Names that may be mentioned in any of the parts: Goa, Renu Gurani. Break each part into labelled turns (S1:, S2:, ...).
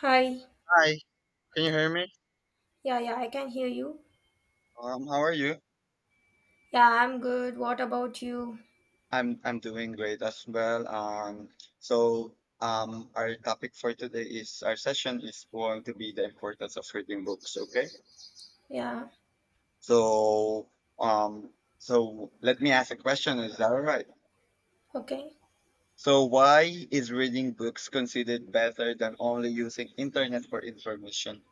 S1: Hi.
S2: Hi, can you hear me?
S1: Yeah, yeah, I can hear you.
S2: How are you?
S1: Yeah, I'm good. What about you?
S2: I'm doing great as well. Our topic for today is our session is going to be the importance of reading books. Okay.
S1: Yeah,
S2: So um, so let me ask a question. Is that all right?
S1: okay.
S2: So why is reading books considered better than only using internet for information?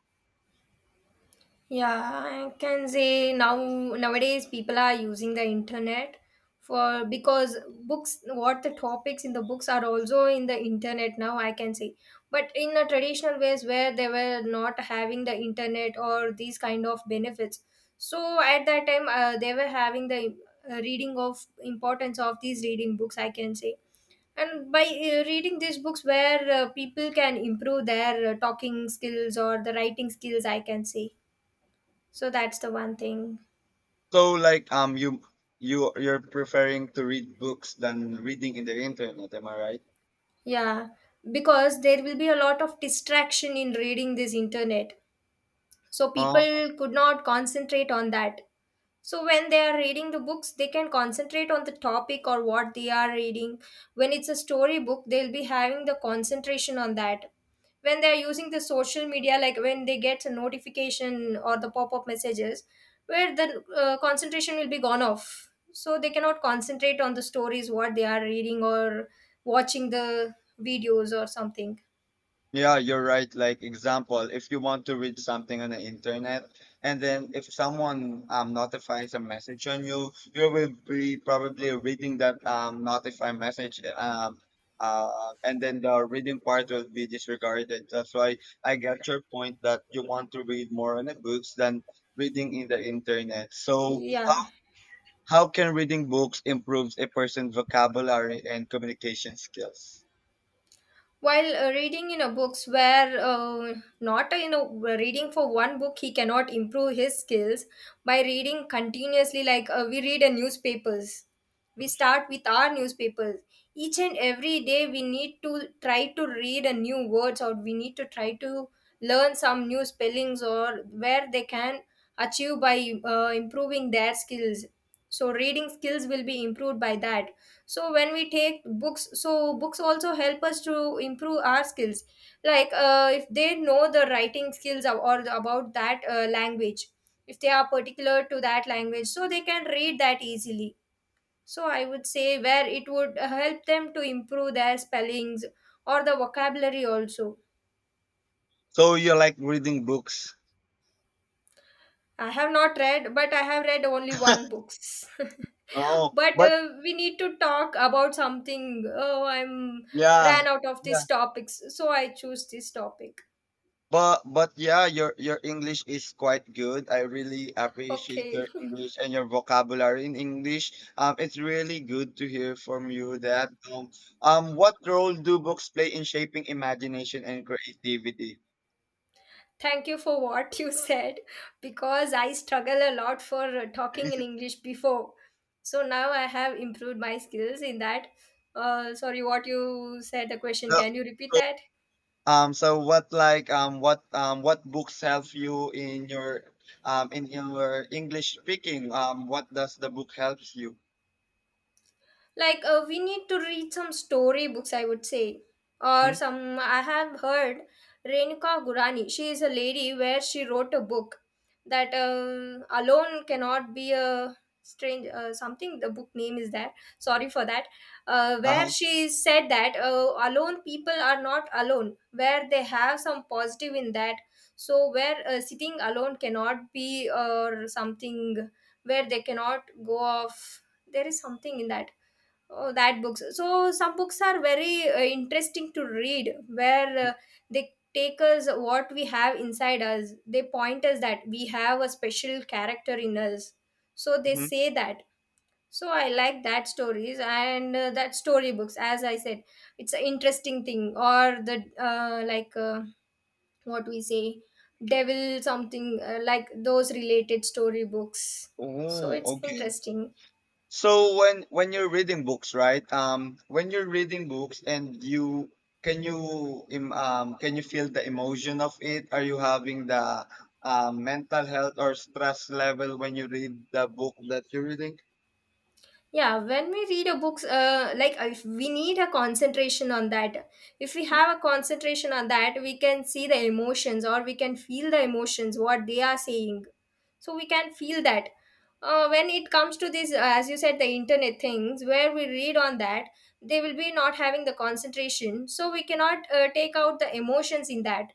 S1: Yeah, I can say now nowadays people are using the internet for because books, what the topics in the books are also in the internet now, I can say. But in the traditional ways where they were not having the internet or these kind of benefits. So at that time they were having the reading of importance of these reading books, I can say. And by reading these books, where people can improve their talking skills or the writing skills, I can say. So that's the one thing.
S2: So like you're preferring to read books than reading in the internet. Am I right?
S1: Yeah, because there will be a lot of distraction in reading this internet. So
S2: Uh,
S1: people could not concentrate on that. So when they are reading the books, they can concentrate on the topic or what they are reading. When it's a story book, they'll be having the concentration on that. When they're using the social media, like when they get a notification or the pop up messages, where the concentration will be gone off. So they cannot concentrate on the stories, what they are reading or watching the videos or something.
S2: Yeah, you're right. Like example, if you want to read something on the internet, and then if someone notifies a message on you, you will be probably reading that notify message. And then the reading part will be disregarded. That's why I get your point that you want to read more on the books than reading in the internet. So
S1: Yeah.
S2: how can reading books improves a person's vocabulary and communication skills?
S1: While reading in a books where not you know reading for one book he cannot improve his skills by reading continuously. Like we read a newspapers, we start with our newspapers, each and every day we need to try to read a new words or we need to try to learn some new spellings or where they can achieve by improving their skills. So reading skills will be improved by that. So when we take books, so books also help us to improve our skills, like if they know the writing skills or about that language. If they are particular to that language, so they can read that easily. So I would say where it would help them to improve their spellings or the vocabulary also.
S2: So you like reading books?
S1: I have not read, but I have read only one books.
S2: Oh,
S1: But
S2: but
S1: we need to talk about something. Oh, I'm
S2: yeah,
S1: ran out of
S2: yeah.
S1: these topics, so I choose this topic.
S2: But yeah, your English is quite good. I really appreciate
S1: Okay.
S2: your English and your vocabulary in English. It's really good to hear from you that. What role do books play in shaping imagination and creativity?
S1: Thank you for what you said, because I struggle a lot for talking in English before. So now I have improved my skills in that. Sorry, what you said the question,
S2: So,
S1: can you repeat that?
S2: so, what like what books help you in your English speaking? What does the book helps you?
S1: Like we need to read some story books, I would say. Or
S2: Hmm?
S1: some I have heard, Renuka Gurani, she is a lady where she wrote a book that alone cannot be a strange something. The book name is that, sorry for that. Where
S2: Uh-huh.
S1: she said that alone people are not alone, where they have some positive in that. So where sitting alone cannot be or something, where they cannot go off, there is something in that. Oh, that books. So some books are very interesting to read, where they take us what we have inside us. They point us that we have a special character in us. So they
S2: Hmm.
S1: say that. So I like that stories and that story books. As I said, it's an interesting thing. Or the what we say, devil something, like those related story books. So
S2: Oh,
S1: it's
S2: okay.
S1: interesting.
S2: So when you're reading books, right? When you're reading books and you, can you feel the emotion of it? Are you having the mental health or stress level when you read the book that you're reading?
S1: Yeah, when we read a books, if we need a concentration on that, if we have a concentration on that, we can see the emotions or we can feel the emotions what they are saying. So we can feel that. When it comes to this as you said the internet things where we read on that, they will be not having the concentration, so we cannot take out the emotions in that.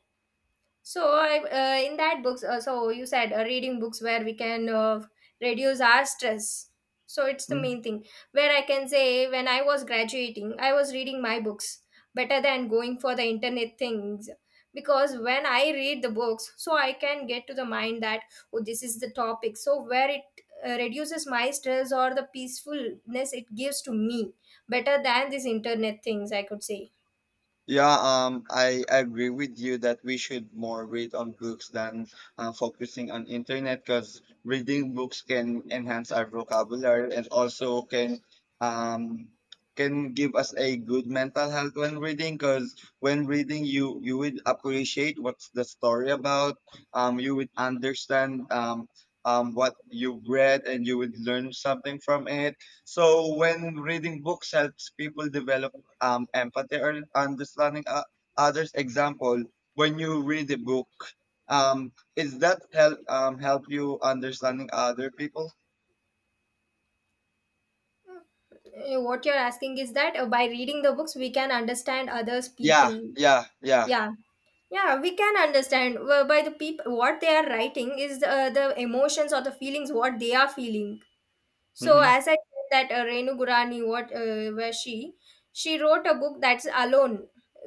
S1: So, I in that books, so you said reading books where we can reduce our stress. So it's the main thing. Where I can say, when I was graduating, I was reading my books better than going for the internet things, because when I read the books, so I can get to the mind that, oh, this is the topic. So where it reduces my stress or the peacefulness it gives to me, better than this internet things, I could say.
S2: Yeah, I agree with you that we should more read on books than focusing on internet because reading books can enhance our vocabulary and also um can give us a good mental health when reading, because when reading you would appreciate what's the story about. You would understand what you read and you would learn something from it. So when reading books helps people develop empathy or understanding others. Example, when you read a book, is that help help you understanding other people?
S1: Eh, what you're asking is that by reading the books we can understand others
S2: Yeah,
S1: people?
S2: yeah, yeah.
S1: Yeah, yeah, we can understand by the people, what they are writing is the emotions or the feelings what they are feeling. So
S2: Mm-hmm.
S1: as I said, that Renu Gurani, what where she wrote a book that's alone.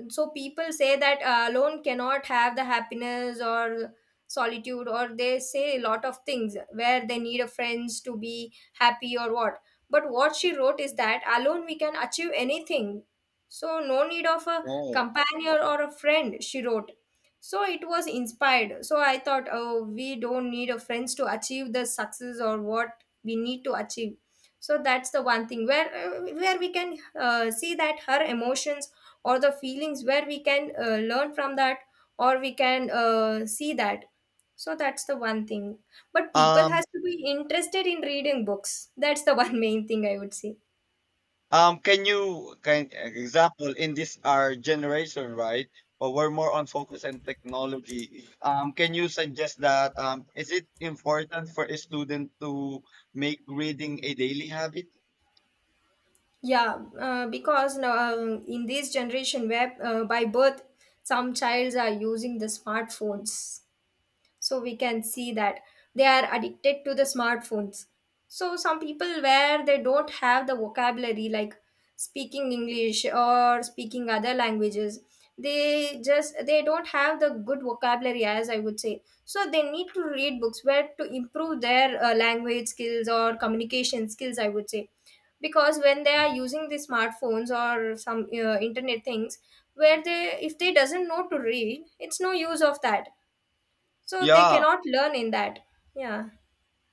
S1: So people say that alone cannot have the happiness or solitude, or they say a lot of things where they need a friends to be happy or what. But what she wrote is that alone we can achieve anything. So no need of a
S2: Oh.
S1: companion or a friend, she wrote. So it was inspired. So I thought, oh, we don't need a friends to achieve the success or what we need to achieve. So that's the one thing, where we can see that her emotions or the feelings, where we can learn from that, or we can see that. So that's the one thing, but people
S2: Um,
S1: has to be interested in reading books. That's the one main thing, I would say.
S2: can you can example in this our generation, right? But we're more on focus and technology. Can you suggest that is it important for a student to make reading a daily habit?
S1: Yeah, because now in this generation where by birth some childs are using the smartphones. So we can see that they are addicted to the smartphones. So some people where they don't have the vocabulary, like speaking English or speaking other languages, they don't have the good vocabulary, as I would say. So they need to read books where to improve their language skills or communication skills, I would say. Because when they are using the smartphones or some internet things, where they, if they doesn't know to read, it's no use of that. So they
S2: Yeah,
S1: cannot learn in that. Yeah.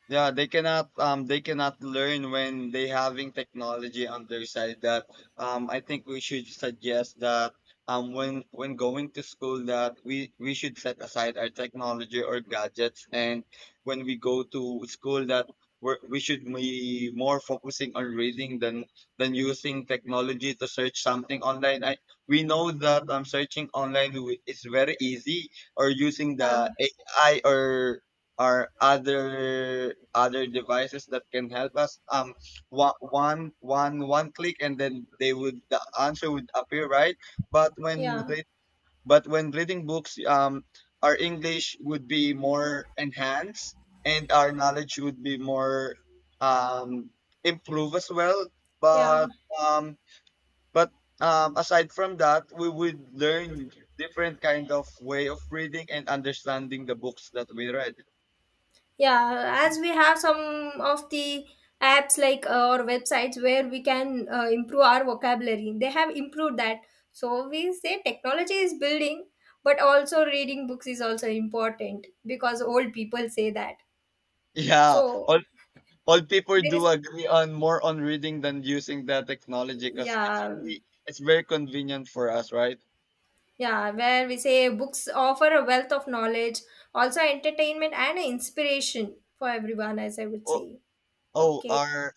S2: yeah, they cannot learn when they having technology on their side that I think we should suggest that when going to school that we should set aside our technology or gadgets, and when we go to school that we should be more focusing on reading than using technology to search something online. I we know that searching online is very easy, or using the
S1: Yeah,
S2: AI or other devices that can help us. One click and then they would the answer would appear, right? But
S1: yeah,
S2: but when reading books our english would be more enhanced and our knowledge would be more um improve as well.
S1: yeah,
S2: But um but aside from that we would learn different kind of way of reading and understanding the books that we read.
S1: yeah, as we have some of the apps, like or websites where we can improve our vocabulary, they have improved that. So we say technology is building, but also reading books is also important, because old people say that.
S2: Yeah,
S1: So
S2: all people
S1: there
S2: do
S1: is,
S2: agree on more on reading than using that technology because it's
S1: yeah,
S2: really it's very convenient for us, right?
S1: yeah, where we say books offer a wealth of knowledge, also entertainment and inspiration for everyone, as I would
S2: Oh,
S1: say.
S2: oh,
S1: Okay,
S2: our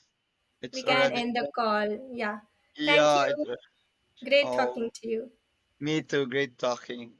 S1: we
S2: it's
S1: can
S2: already
S1: end the call. Yeah. Thank
S2: yeah. It,
S1: you. Great talking
S2: oh,
S1: to you.
S2: me too. Great talking.